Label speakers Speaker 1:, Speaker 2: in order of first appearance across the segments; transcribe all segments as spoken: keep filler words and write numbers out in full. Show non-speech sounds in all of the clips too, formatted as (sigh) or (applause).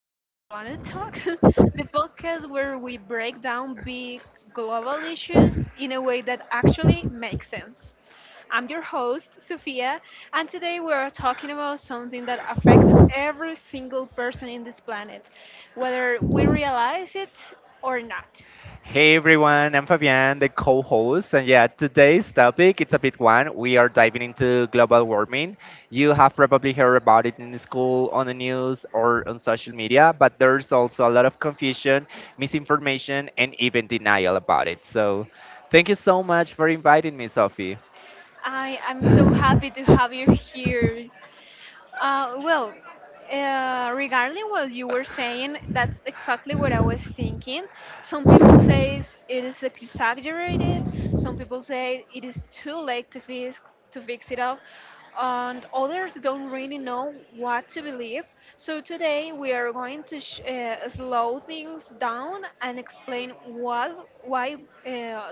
Speaker 1: to Planet Talks, (laughs) the podcast where we break down big global issues in a way that actually makes sense. I'm your host, Sophia, and today we are talking about something that affects every single person in this planet, whether we realize it or not.
Speaker 2: Hey everyone, I'm Fabian, the co-host, and yeah, today's topic it's a big one. We are diving into global warming. You have probably heard about it in the school, on the news, or on social media, but there's also a lot of confusion, misinformation, and even denial about it. So, thank you so much for inviting me, Sophie.
Speaker 1: I am so happy to have you here. Uh, well, uh, regarding what you were saying, that's exactly what I was thinking. Some people say it is exaggerated. Some people say it is too late to fix to fix it up, and others don't really know what to believe. So today we are going to sh- uh, slow things down and explain what why uh,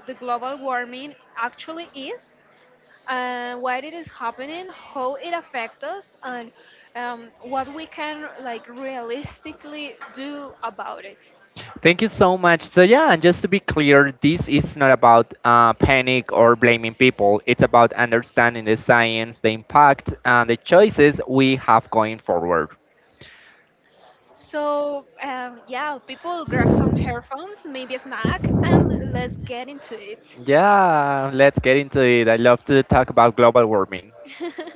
Speaker 1: the global warming actually is and why it is happening, how it affects us, and um, what we can like realistically do about it.
Speaker 2: Thank you so much. So yeah, and just to be clear, this is not about uh, panic or blaming people. It's about understanding the science, the impact, and the choices we have going forward.
Speaker 1: So um, yeah, people grab some headphones, maybe a snack, and let's get into it.
Speaker 2: Yeah, let's get into it. I love to talk about global warming.
Speaker 1: (laughs)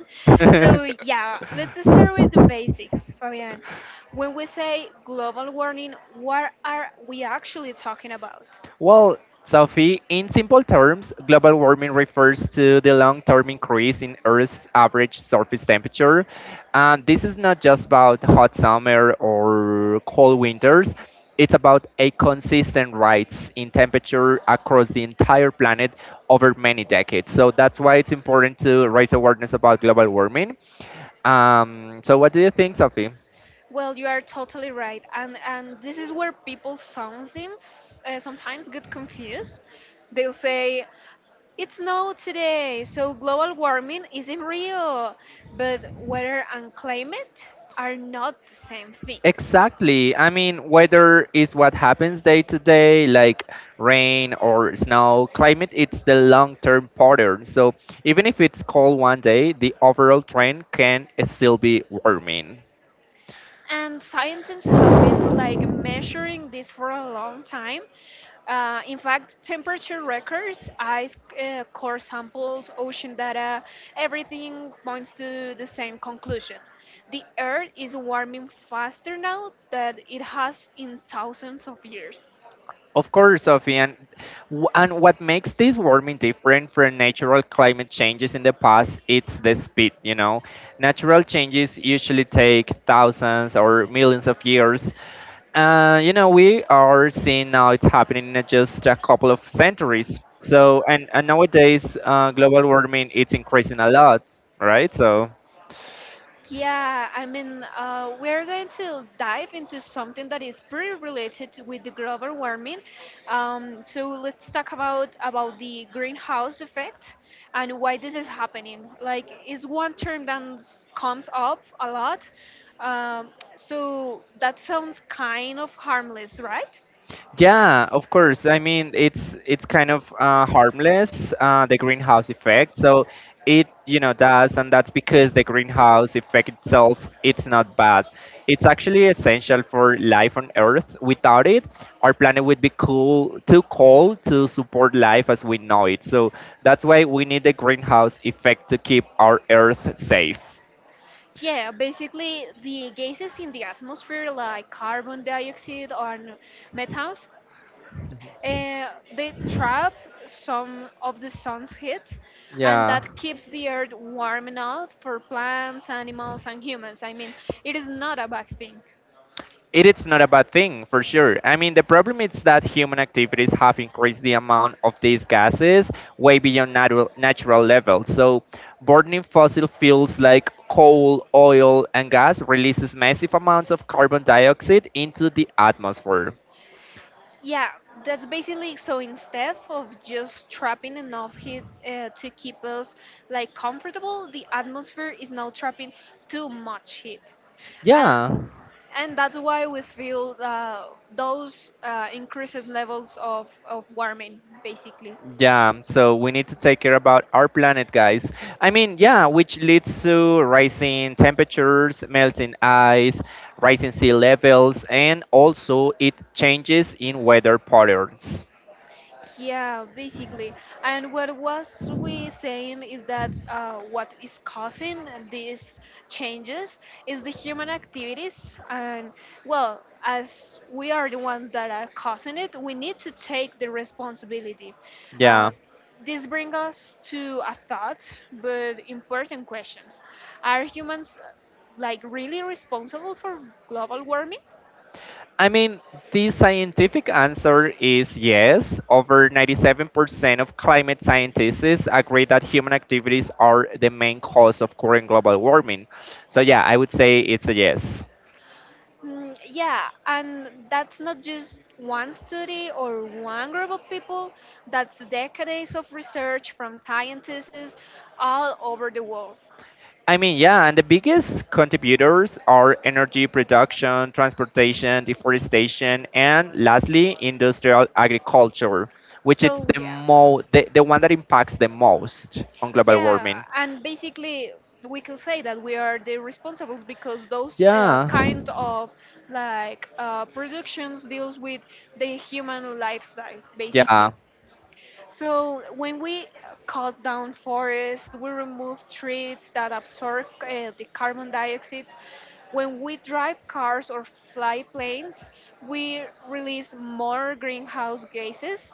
Speaker 1: So yeah, let's start with the basics, Fabian. When we say global warming, what are we actually talking about?
Speaker 2: Well, Sophie, in simple terms, global warming refers to the long term increase in Earth's average surface temperature. And this is not just about hot summer or cold winters, it's about a consistent rise in temperature across the entire planet over many decades. So that's why it's important to raise awareness about global warming. Um, so, what do you think, Sophie?
Speaker 1: Well, you are totally right, and and this is where people sometimes uh, sometimes get confused. They'll say it's snow today, so global warming isn't real, but weather and climate are not the same thing.
Speaker 2: Exactly. I mean, weather is what happens day to day, like rain or snow. Climate, it's the long term pattern. So even if it's cold one day, the overall trend can still be warming.
Speaker 1: And scientists have been like measuring this for a long time. Uh, in fact, temperature records, ice uh, core samples, ocean data, everything points to the same conclusion. The Earth is warming faster now than it has in thousands of years.
Speaker 2: Of course, Sophie, and w- and what makes this warming different from natural climate changes in the past, it's the speed. You know, natural changes usually take thousands or millions of years, and you know we are seeing now it's happening in just a couple of centuries. So, and and nowadays, uh, global warming it's increasing a lot, right? So.
Speaker 1: Yeah, I mean, uh, we're going to dive into something that is pretty related to- with the global warming. Um, so let's talk about about the greenhouse effect and why this is happening. Like, is one term that s- comes up a lot. Um, so that sounds kind of harmless, right?
Speaker 2: Yeah, of course. I mean, it's it's kind of uh, harmless, uh, the greenhouse effect. So it, you know, does, and that's because the greenhouse effect itself it's not bad. It's actually essential for life on Earth. Without it, our planet would be cool, too cold to support life as we know it. So that's why we need the greenhouse effect to keep our Earth safe.
Speaker 1: Yeah, basically the gases in the atmosphere like carbon dioxide or methane uh, they trap some of the sun's heat, and
Speaker 2: Yeah.
Speaker 1: that keeps the earth warm enough for plants, animals, and humans. I mean, it is not a bad thing.
Speaker 2: It is not a bad thing for sure. I mean, the problem is that human activities have increased the amount of these gases way beyond natural, natural levels. So, burning fossil fuels like coal, oil, and gas releases massive amounts of carbon dioxide into the atmosphere.
Speaker 1: Yeah, that's basically so instead of just trapping enough heat uh, to keep us like comfortable, the atmosphere is now trapping too much heat. And
Speaker 2: Yeah.
Speaker 1: and that's why we feel uh, those uh, increased levels of, of warming, basically.
Speaker 2: Yeah, so we need to take care about our planet, guys. I mean, yeah, which leads to rising temperatures, melting ice, rising sea levels, and also it changes in weather patterns.
Speaker 1: Yeah, basically. And what was we saying is that uh, what is causing these changes is the human activities, and well, as we are the ones that are causing it, we need to take the responsibility.
Speaker 2: Yeah.
Speaker 1: Uh, this brings us to a thought, but important questions: are humans uh, like really responsible for global warming?
Speaker 2: I mean, the scientific answer is yes. Over ninety-seven percent of climate scientists agree that human activities are the main cause of current global warming. So, yeah, I would say it's a yes.
Speaker 1: Mm, yeah, and that's not just one study or one group of people, that's decades of research from scientists all over the world.
Speaker 2: I mean, yeah, and the biggest contributors are energy production, transportation, deforestation, and lastly, industrial agriculture, which is
Speaker 1: So,
Speaker 2: the
Speaker 1: yeah.
Speaker 2: mo the, the one that impacts the most on global
Speaker 1: Yeah,
Speaker 2: warming.
Speaker 1: and basically we can say that we are the responsibles because those uh,
Speaker 2: Yeah,
Speaker 1: kind of like uh, productions deals with the human lifestyle. Yeah,
Speaker 2: yeah.
Speaker 1: basically. So when we cut down forests, we remove trees that absorb uh, the carbon dioxide. When we drive cars or fly planes, we release more greenhouse gases,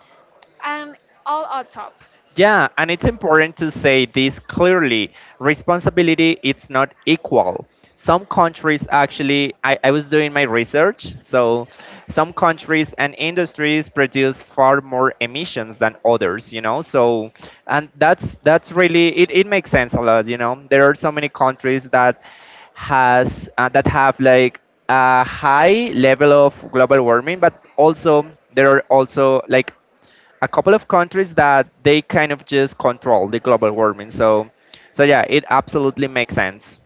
Speaker 1: and all adds up.
Speaker 2: Yeah, and it's important to say this clearly. Responsibility it's not equal. Some countries actually I, I was doing my research, so some countries and industries produce far more emissions than others, you know. So and that's that's really it, it makes sense a lot, you know. There are so many countries that has uh, that have like a high level of global warming, but also there are also like a couple of countries that they kind of just control the global warming. So, so yeah, it absolutely makes sense.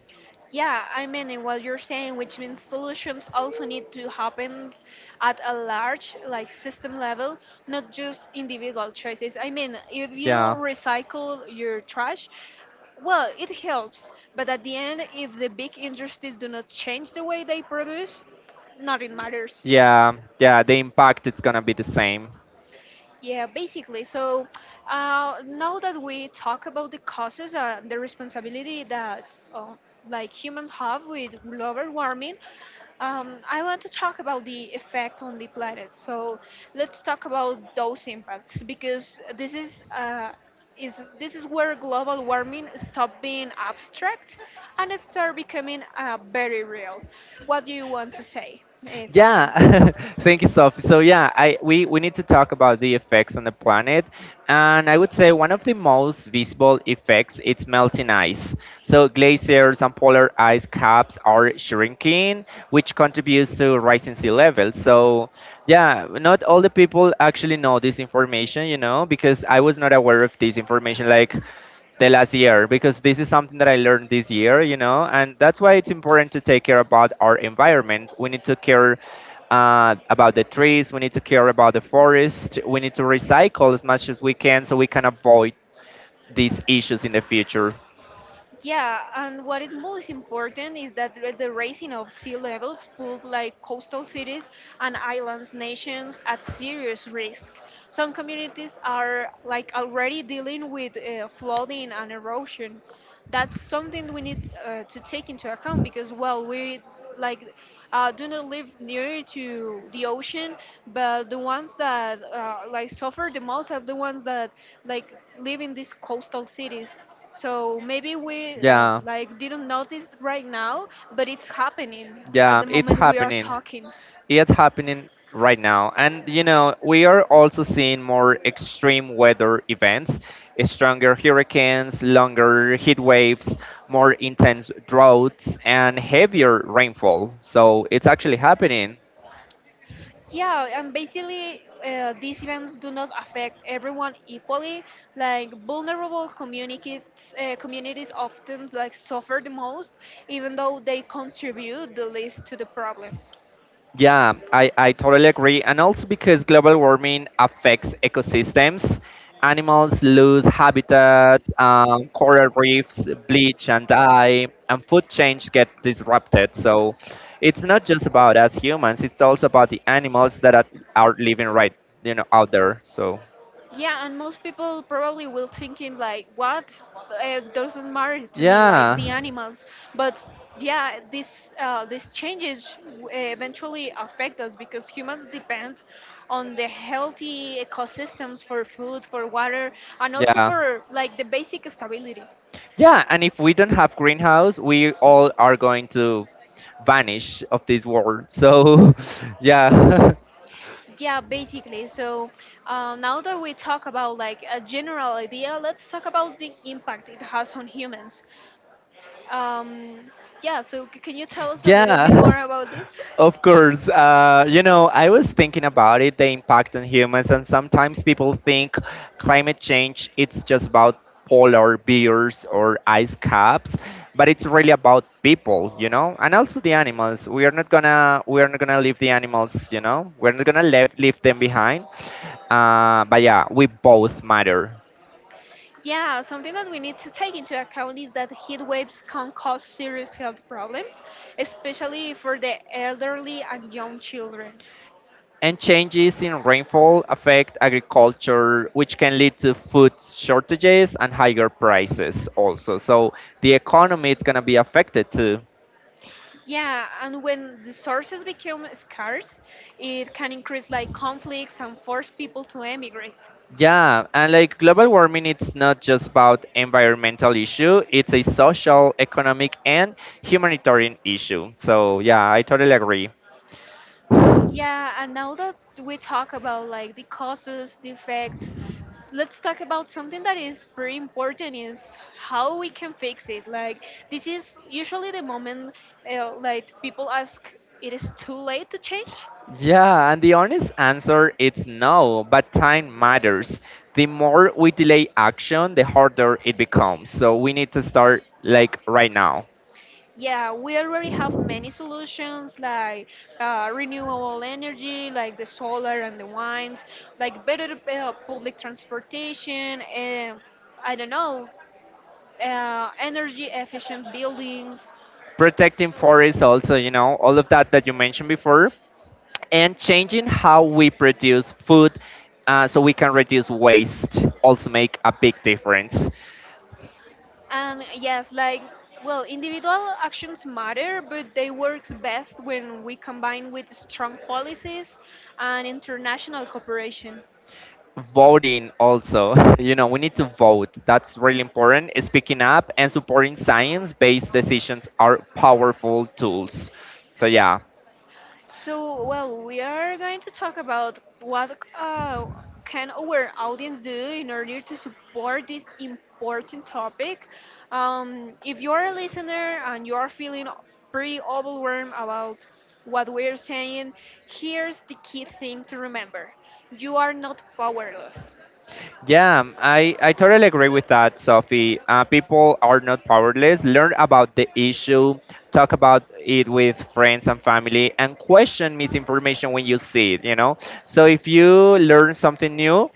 Speaker 1: Yeah, I mean, in what you're saying, which means solutions also need to happen at a large, like system level, not just individual choices. I mean, if you
Speaker 2: Yeah,
Speaker 1: recycle your trash, well, it helps, but at the end, if the big industries do not change the way they produce, nothing matters.
Speaker 2: yeah, yeah. The impact it's gonna be the same.
Speaker 1: Yeah, basically. So uh, now that we talk about the causes, uh, the responsibility that uh, like humans have with global warming, um, I want to talk about the effect on the planet. So let's talk about those impacts because this is. Uh, is this is where global warming stopped being abstract and it started becoming uh, very real. What do you want to say, uh, Fabian?
Speaker 2: Yeah, (laughs) thank you, Sophie. So yeah, I we, we need to talk about the effects on the planet, and I would say one of the most visible effects is melting ice. So glaciers and polar ice caps are shrinking, which contributes to rising sea levels. So yeah, not all the people actually know this information, you know, because I was not aware of this information. Like the last year because this is something that I learned this year, you know, and that's why it's important to take care about our environment. We need to care uh, about the trees. We need to care about the forest. We need to recycle as much as we can so we can avoid these issues in the future.
Speaker 1: Yeah, and what is most important is that the the raising of sea levels put like coastal cities and islands nations at serious risk. Some communities are like already dealing with uh, flooding and erosion. That's something we need uh, to take into account because well, we like uh, do not live near to the ocean, but the ones that uh, like suffer the most are the ones that like live in these coastal cities, so maybe we uh,
Speaker 2: Yeah,
Speaker 1: like didn't notice right now, but it's happening at
Speaker 2: yeah,
Speaker 1: the
Speaker 2: it's
Speaker 1: moment we are
Speaker 2: happening.
Speaker 1: talking.
Speaker 2: It's happening right now. And you know, we are also seeing more extreme weather events, stronger hurricanes, longer heat waves, more intense droughts, and heavier rainfall. So it's actually happening.
Speaker 1: Yeah, and basically uh, these events do not affect everyone equally. Like vulnerable communities, uh, communities often like suffer the most, even though they contribute the least to the problem.
Speaker 2: Yeah, I, I totally agree. And also because global warming affects ecosystems, animals lose habitat, um, coral reefs bleach and die, and food chains get disrupted. So it's not just about us humans, it's also about the animals that are, are living right, you know, out there. So
Speaker 1: Yeah, and most people probably will thinking like, what? It doesn't matter to me, like
Speaker 2: yeah,
Speaker 1: the animals. But yeah, this uh, these changes w- eventually affect us because humans depend on the healthy ecosystems for food, for water, and also
Speaker 2: yeah.
Speaker 1: for like the basic stability.
Speaker 2: Yeah, and if we don't have greenhouse, we all are going to vanish of this world. So (laughs) yeah. (laughs)
Speaker 1: Yeah, basically. So uh, now that we talk about like a general idea, let's talk about the impact it has on humans. Um, yeah, so c- can you tell us a little bit
Speaker 2: Yeah,
Speaker 1: more about this?
Speaker 2: (laughs) of course. Uh, you know, I was thinking about it, the impact on humans, and sometimes people think climate change it's just about polar bears or ice caps, but it's really about people, you know, and also the animals. We are not gonna we are not gonna leave the animals, you know, we're not gonna leave leave them behind. Uh, but yeah, we both matter.
Speaker 1: Yeah, something that we need to take into account is that heat waves can cause serious health problems, especially for the elderly and young children.
Speaker 2: And changes in rainfall affect agriculture, which can lead to food shortages and higher prices also. So the economy is going to be affected too.
Speaker 1: Yeah, and when the sources become scarce, it can increase like conflicts and force people to emigrate.
Speaker 2: Yeah, and like global warming, it's not just about environmental issue. It's a social, economic, and humanitarian issue. So yeah, I totally agree.
Speaker 1: Yeah, and now that we talk about like the causes, the effects, let's talk about something that is pretty important is how we can fix it. Like this is usually the moment uh, like people ask it is too late to change.
Speaker 2: Yeah, and the honest answer is no, but time matters. The more we delay action, the harder it becomes. So we need to start like right now.
Speaker 1: Yeah, we already have many solutions like uh, renewable energy, like the solar and the wind, like better uh, public transportation, and I don't know, uh, energy efficient buildings.
Speaker 2: Protecting forests also, you know, all of that that you mentioned before, and changing how we produce food uh, so we can reduce waste also make a big difference.
Speaker 1: And yes, like, well, individual actions matter, but they works best when we combine with strong policies and international cooperation.
Speaker 2: Voting also, (laughs) you know, we need to vote. That's really important. Speaking up and supporting science based decisions are powerful tools, so yeah.
Speaker 1: So, well, we are going to talk about what uh, can our audience do in order to support this important topic. Um, if you are a listener and you are feeling pretty overwhelmed about what we are saying, here's the key thing to remember: you are not powerless.
Speaker 2: Yeah, I, I totally agree with that, Sophie. Uh, people are not powerless. Learn about the issue, talk about it with friends and family, and question misinformation when you see it, you know? So if you learn something new,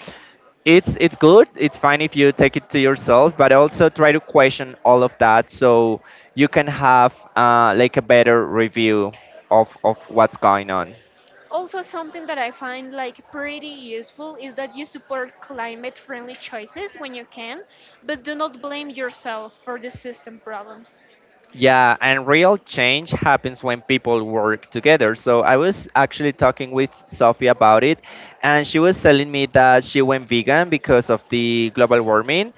Speaker 2: it's it's good, it's fine if you take it to yourself, but also try to question all of that, so you can have uh, like a better review of of what's going on.
Speaker 1: Also, something that I find like pretty useful is that you support climate-friendly choices when you can, but do not blame yourself for the system problems.
Speaker 2: Yeah, and real change happens when people work together. So I was actually talking with Sophie about it, and she was telling me that she went vegan because of the global warming.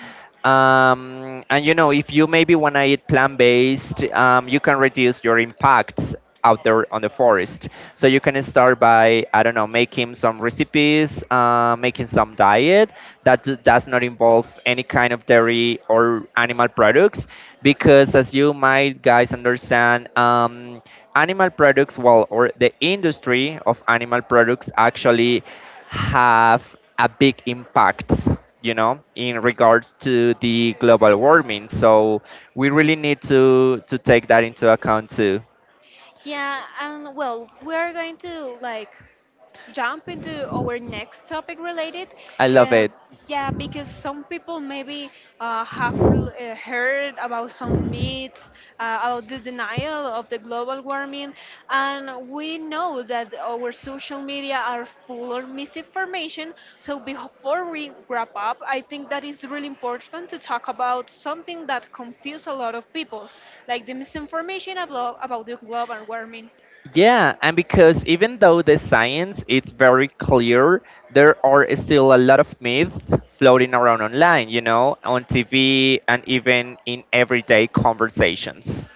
Speaker 2: Um, and you know, if you maybe want to eat plant based, um, you can reduce your impacts out there on the forest. So you can start by, I don't know, making some recipes, uh, making some diet that d- does not involve any kind of dairy or animal products, because as you might guys understand, um, animal products, well, or the industry of animal products actually have a big impact, you know, in regards to the global warming, so we really need to to take that into account too.
Speaker 1: Yeah, and well, we are going to like jump into our next topic related.
Speaker 2: I love
Speaker 1: uh,
Speaker 2: it.
Speaker 1: yeah, because some people maybe uh, have l- uh, heard about some myths uh, about the denial of the global warming, and we know that our social media are full of misinformation. So before we wrap up, I think that is really important to talk about something that confuses a lot of people, like the misinformation about, about the global warming.
Speaker 2: Yeah, and because even though the science is very clear, there are still a lot of myths floating around online, you know, on T V and even in everyday conversations.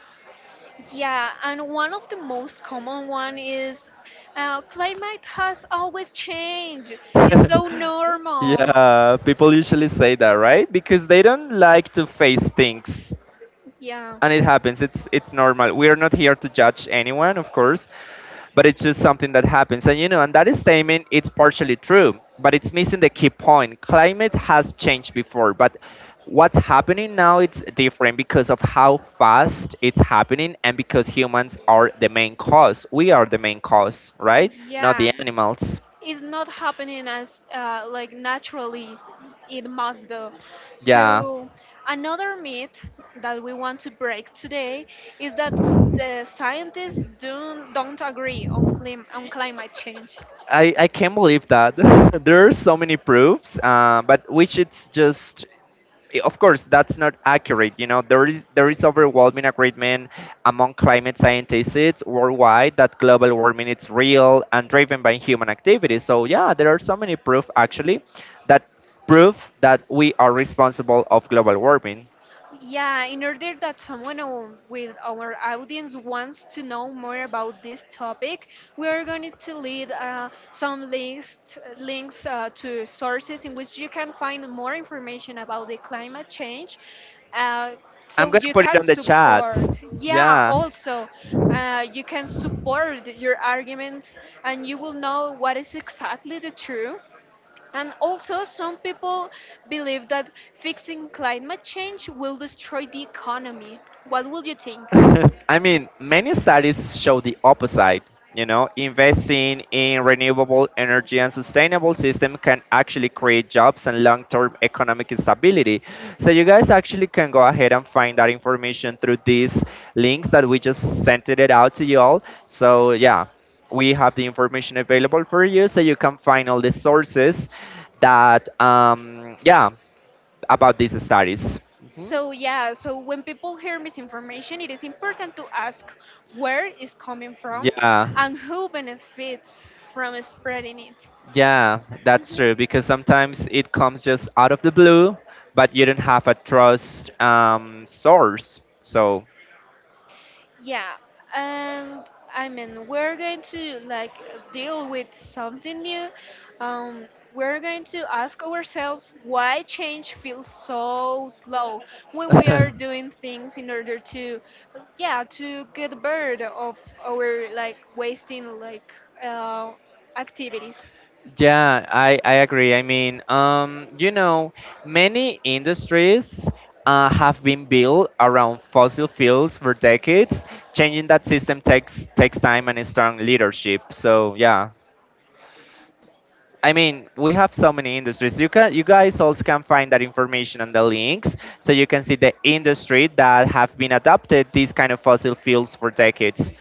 Speaker 1: Yeah, and one of the most common one is uh, climate has always changed. It's so
Speaker 2: (laughs)
Speaker 1: normal.
Speaker 2: Yeah, people usually say that, right? Because they don't like to face things
Speaker 1: Yeah.
Speaker 2: and it happens. It's it's normal. We are not here to judge anyone, of course, but it's just something that happens. And you know, and that statement it's partially true, but it's missing the key point. Climate has changed before, but what's happening now it's different because of how fast it's happening and because humans are the main cause. We are the main cause, right? Not
Speaker 1: Yeah,
Speaker 2: the animals.
Speaker 1: it's not happening as uh, like naturally it must do.
Speaker 2: Yeah.
Speaker 1: So another myth that we want to break today is that s- the scientists don't don't agree on clim- on climate change.
Speaker 2: I, I can't believe that (laughs) there are so many proofs, uh, but which it's just, i- of course, that's not accurate. You know, there is there is overwhelming agreement among climate scientists worldwide that global warming is real and driven by human activity. So yeah, there are so many proof actually that prove that we are responsible of global warming.
Speaker 1: Yeah, in order that someone o- with our audience wants to know more about this topic, we are going to lead uh, some links, links uh, to sources in which you can find more information about the climate change. Uh,
Speaker 2: I'm
Speaker 1: so
Speaker 2: gonna
Speaker 1: you
Speaker 2: put it
Speaker 1: can
Speaker 2: on the chat.
Speaker 1: support, yeah,
Speaker 2: Yeah.
Speaker 1: also, uh, you can support your arguments and you will know what is exactly the truth. And also, some people believe that fixing climate change will destroy the economy. What will you think?
Speaker 2: (laughs) I mean, many studies show the opposite. You know, investing in renewable energy and sustainable system can actually create jobs and long-term economic stability. So you guys actually can go ahead and find that information through these links that we just sent it out to you all. So yeah, we have the information available for you, so you can find all the sources that, um, yeah, about these studies.
Speaker 1: So, yeah, so when people hear misinformation, it is important to ask where it's coming from
Speaker 2: Yeah.
Speaker 1: and who benefits from spreading it.
Speaker 2: Yeah, that's
Speaker 1: Mhm.
Speaker 2: true because sometimes it comes just out of the blue, but you don't have a trust um, source. So,
Speaker 1: Yeah, and I mean, we're going to like deal with something new. Um, we're going to ask ourselves why change feels so slow when we are
Speaker 2: (laughs)
Speaker 1: doing things in order to, yeah, to get rid of our like wasting like uh, activities.
Speaker 2: yeah, I, I agree. I mean, um, you know, many industries uh, have been built around fossil fuels for decades. Changing that system takes takes time and strong leadership. So, yeah. I mean, we have so many industries. You can, you guys also can find that information on the links, so you can see the industry that have been adopted these kind of fossil fuels for decades.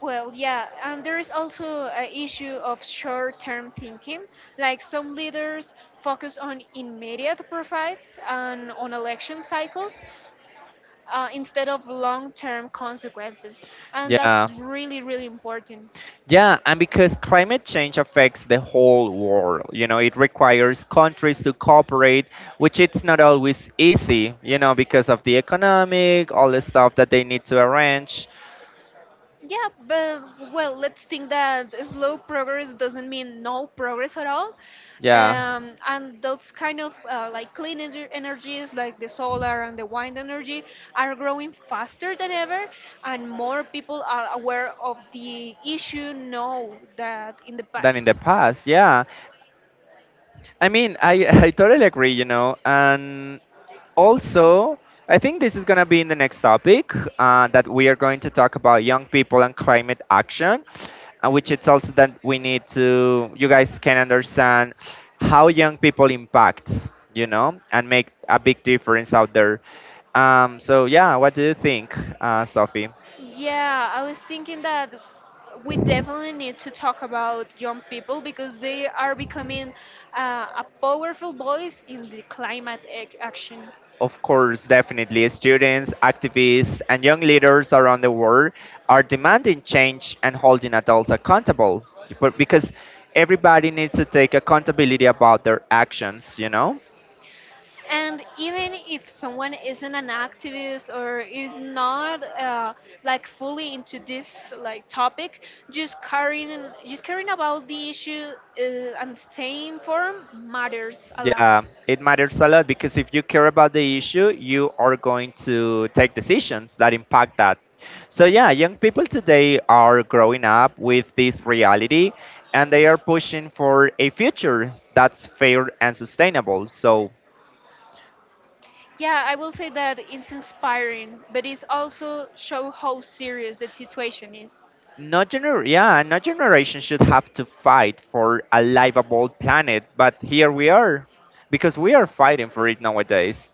Speaker 1: Well, yeah, and there is also an issue of short term thinking. Like some leaders focus on immediate profits and on election cycles uh, instead of long term consequences. And that's
Speaker 2: Yeah.
Speaker 1: really, really important.
Speaker 2: Yeah, and because climate change affects the whole world, you know, it requires countries to cooperate, which it's not always easy, you know, because of the economic, all the stuff that they need to arrange.
Speaker 1: Yeah, but well, let's think that slow progress doesn't mean no progress at all.
Speaker 2: Yeah,
Speaker 1: Um, and those kind of uh, like clean ener- energies, like the solar and the wind energy, are growing faster than ever, and more people are aware of the issue now that in the
Speaker 2: than in the
Speaker 1: past.
Speaker 2: past. Yeah, I mean, I (laughs) I totally agree, you know, and also I think this is gonna be in the next topic uh, that we are going to talk about young people and climate action, uh, which it's also that we need to you guys can understand how young people impact, you know, and make a big difference out there. Um, so yeah, what do you think, uh, Sophie?
Speaker 1: Yeah, I was thinking that we definitely need to talk about young people because they are becoming uh, a powerful voice in the climate ac- action.
Speaker 2: Of course, definitely. Students, activists, and young leaders around the world are demanding change and holding adults accountable. But because everybody needs to take accountability about their actions, you know?
Speaker 1: And even if someone isn't an activist or is not uh, like fully into this like topic, just caring just caring about the issue uh, and staying informed matters a
Speaker 2: Yeah,
Speaker 1: lot.
Speaker 2: it matters a lot because if you care about the issue, you are going to take decisions that impact that. So, yeah, young people today are growing up with this reality and they are pushing for a future that's fair and sustainable. So,
Speaker 1: Yeah, I will say that it's inspiring, but it's also show how serious the situation is.
Speaker 2: no gener- yeah, no generation should have to fight for a livable planet, but here we are because we are fighting for it nowadays.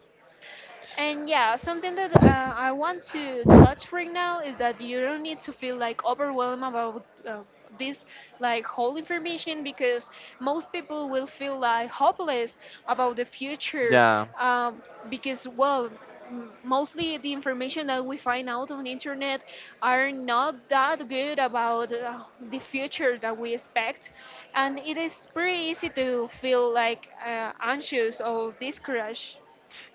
Speaker 1: And yeah, something that uh, I want to touch right now is that you don't need to feel like overwhelmed about uh, this like whole information, because most people will feel like hopeless about the future,
Speaker 2: Yeah.
Speaker 1: um, because well m- mostly the information that we find out on the internet are not that good about uh, the future that we expect, and it is pretty easy to feel like uh, anxious or discouraged.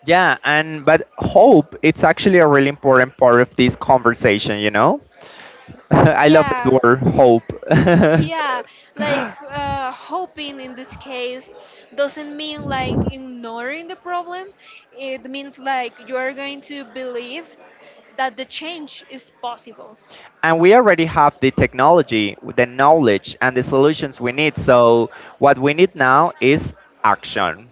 Speaker 2: Yeah, and but hope it's actually a really important part of this conversation, you know? (laughs) I love
Speaker 1: Yeah.
Speaker 2: that word hope.
Speaker 1: Yeah, like uh, hoping in this case doesn't mean like ignoring the problem, it means like you are going to believe that the change is possible.
Speaker 2: (laughs) And we already have the technology, the knowledge and the solutions we need. So what we need now is action.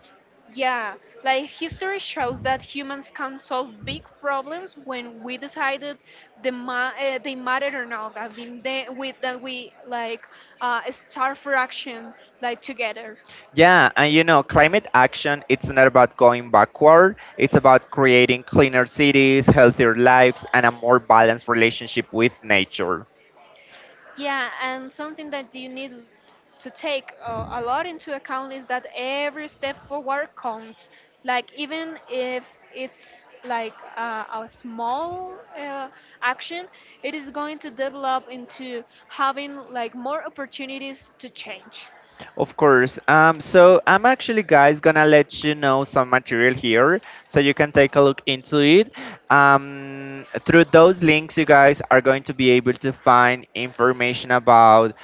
Speaker 1: Yeah, like history shows that humans can solve big problems when we decided the ma- uh, they mattered or not. I mean, they, we, that we like uh, start for action, like together.
Speaker 2: Yeah, and you know, climate action, it's not about going backward. It's about creating cleaner cities, healthier lives, and a more balanced relationship with nature.
Speaker 1: Yeah, and something that you need l- to take uh, a lot into account is that every step forward counts. Like even if it's like uh, a small uh, action, it is going to develop into having like more opportunities to change.
Speaker 2: Of course. Um, so I'm actually, guys, gonna let you know some material here, so you can take a look into it. Um, through those links, you guys are going to be able to find information about,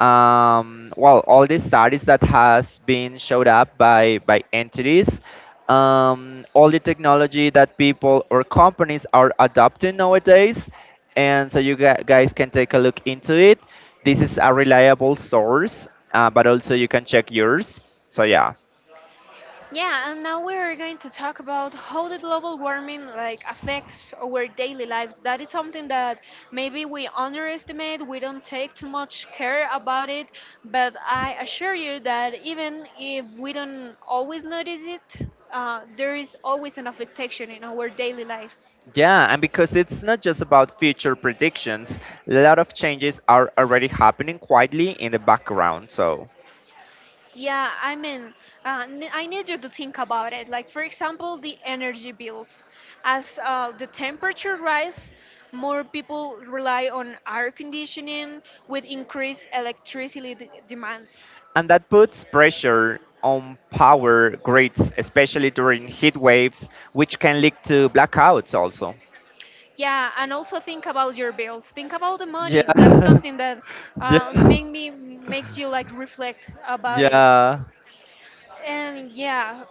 Speaker 2: um, well, all the studies that has been showed up by by entities, um, all the technology that people or companies are adopting nowadays and so you gu- guys can take a look into it. This is a reliable source, uh, but also you can check yours. So yeah,
Speaker 1: Yeah, and now we're going to talk about how the global warming like affects our daily lives. That is something that maybe we underestimate, we don't take too much care about it, but I assure you that even if we don't always notice it, uh, there is always an affectation in our daily lives.
Speaker 2: yeah, and because it's not just about future predictions, a lot of changes are already happening quietly in the background. So
Speaker 1: Yeah, I mean, uh, n- I need you to think about it. Like, for example, the energy bills. As uh, the temperature rise, more people rely on air conditioning with increased electricity d- demands.
Speaker 2: and that puts pressure on power grids, especially during heat waves, which can lead to blackouts also.
Speaker 1: Yeah, and also think about your bills. Think about the
Speaker 2: Yeah,
Speaker 1: money. That's
Speaker 2: (laughs)
Speaker 1: something that uh,
Speaker 2: yeah,
Speaker 1: make me makes you like reflect about it.
Speaker 2: yeah,
Speaker 1: And yeah,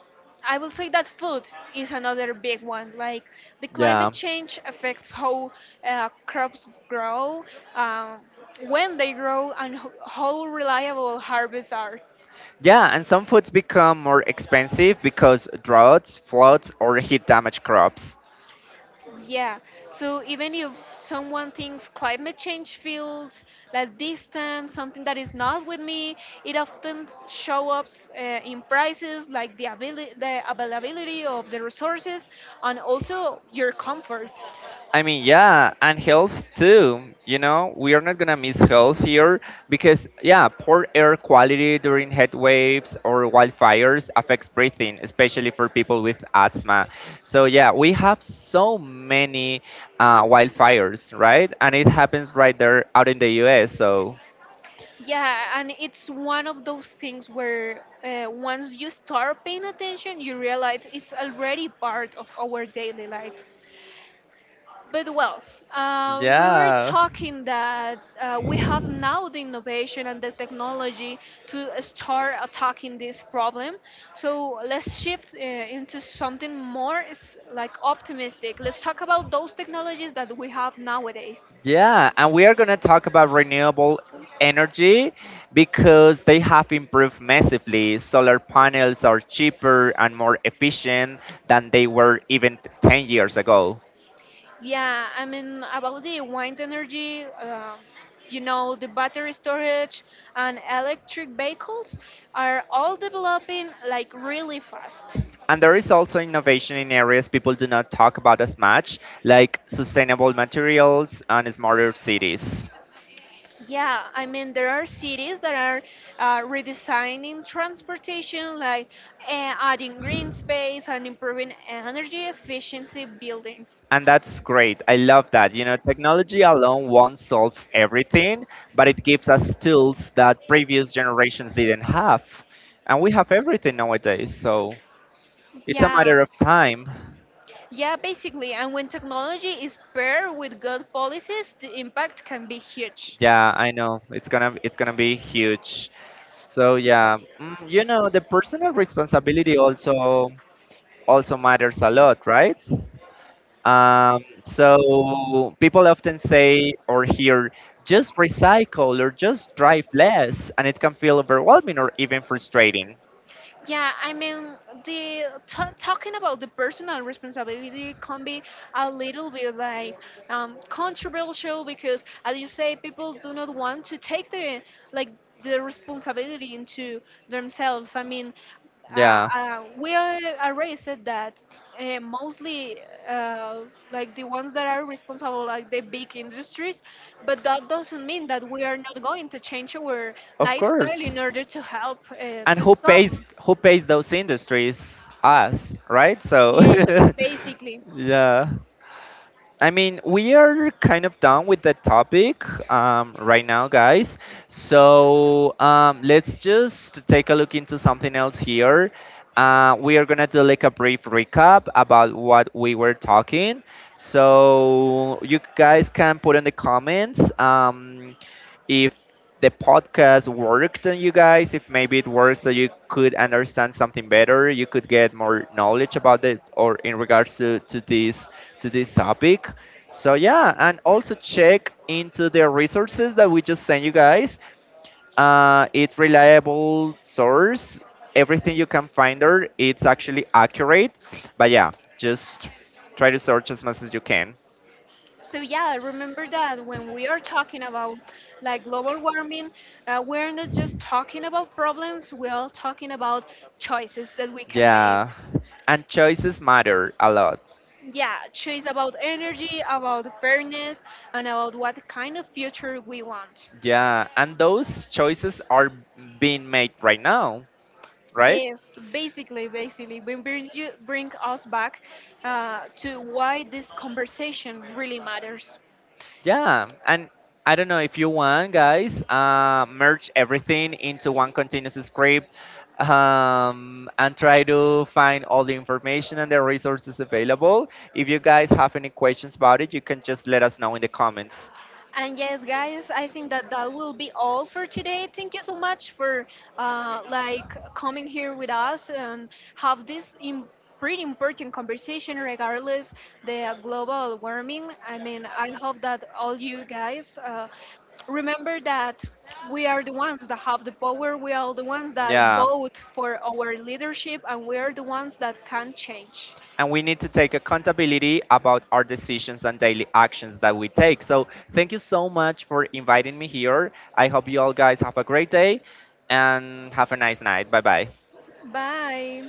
Speaker 1: I will say that food is another big one. Like the
Speaker 2: yeah.
Speaker 1: climate change affects how uh, crops grow, um, when they grow, and ho- how reliable harvests are.
Speaker 2: Yeah, and some foods become more expensive because droughts, floods, or heat damage crops.
Speaker 1: Yeah, so even if someone thinks climate change feels like distant, something that is not with me, it often shows up uh, in prices, like the, abili- the availability of the resources and also your comfort.
Speaker 2: I mean, yeah, and health too. You know, we are not gonna miss health here because, yeah, poor air quality during heat waves or wildfires affects breathing, especially for people with asthma. So, yeah, we have so many uh, wildfires, right? And it happens right there out in the U S. So,
Speaker 1: Yeah, and it's one of those things where uh, once you start paying attention, you realize it's already part of our daily life. But well, uh, we were
Speaker 2: yeah.
Speaker 1: talking that uh, we have now the innovation and the technology to start attacking this problem. So let's shift uh, into something more s- like optimistic. Let's talk about those technologies that we have nowadays.
Speaker 2: Yeah, and we are going to talk about renewable energy because they have improved massively. Solar panels are cheaper and more efficient than they were even t- ten years ago.
Speaker 1: Yeah, I mean, about the wind energy, uh, you know, the battery storage and electric vehicles are all developing like really fast.
Speaker 2: And there is also innovation in areas people do not talk about as much, like sustainable materials and smarter cities.
Speaker 1: Yeah, I mean, there are cities that are uh, redesigning transportation, like uh, adding green space and improving energy efficiency buildings.
Speaker 2: And that's great. I love that. You know, technology alone won't solve everything, but it gives us tools that previous generations didn't have. And we have everything nowadays, so it's a
Speaker 1: Yeah.
Speaker 2: matter of time.
Speaker 1: Yeah, basically, and when technology is paired with good policies, the impact can be huge.
Speaker 2: Yeah, I know. It's gonna it's gonna be huge. So yeah, mm, you know, the personal responsibility also also matters a lot, right? Um, so people often say or hear, just recycle or just drive less, and it can feel overwhelming or even frustrating.
Speaker 1: Yeah, I mean, the t talking about the personal responsibility can be a little bit like, um, controversial because, as you say, people do not want to take the like the responsibility into themselves. I mean, uh,
Speaker 2: Yeah,
Speaker 1: uh, we are are raised that uh, mostly, uh, like the ones that are responsible, like the big industries, but that doesn't mean that we are not going to change our
Speaker 2: of
Speaker 1: lifestyle
Speaker 2: course.
Speaker 1: in order to help uh,
Speaker 2: And
Speaker 1: to
Speaker 2: who
Speaker 1: stop.
Speaker 2: pays who pays those industries? Us, right? So,
Speaker 1: Yes.
Speaker 2: (laughs)
Speaker 1: Basically,
Speaker 2: yeah. I mean, we are kind of done with the topic um, right now, guys. So um, let's just take a look into something else here. Uh, we are gonna do like a brief recap about what we were talking. So you guys can put in the comments um, if the podcast worked on you guys, if maybe it works so you could understand something better, you could get more knowledge about it or in regards to, to this to this topic. So yeah, and also check into the resources that we just sent you guys. Uh, it's reliable source. Everything you can find there, it's actually accurate. But yeah, just try to search as much as you can.
Speaker 1: so yeah, remember that when we are talking about like global warming, uh, we're not just talking about problems, we're talking about choices that we can
Speaker 2: Yeah,
Speaker 1: make.
Speaker 2: and choices matter a lot.
Speaker 1: Yeah, choice about energy, about fairness, and about what kind of future we want.
Speaker 2: Yeah, and those choices are being made right now, right?
Speaker 1: Yes, basically, basically, we brings you bring us back uh, to why this conversation really matters.
Speaker 2: Yeah, and I don't know if you want, guys, uh, merge everything into one continuous script um, and try to find all the information and the resources available. If you guys have any questions about it, you can just let us know in the comments.
Speaker 1: And yes, guys, I think that that will be all for today. Thank you so much for uh, like coming here with us and have this Im- pretty important conversation regardless the global warming. I mean, I hope that all you guys uh, remember that we are the ones that have the power. We are the ones that
Speaker 2: Yeah.
Speaker 1: vote for our leadership, and we are the ones that can change.
Speaker 2: And we need to take accountability about our decisions and daily actions that we take. So, thank you so much for inviting me here. I hope you all guys have a great day and have a nice night. Bye bye.
Speaker 1: Bye.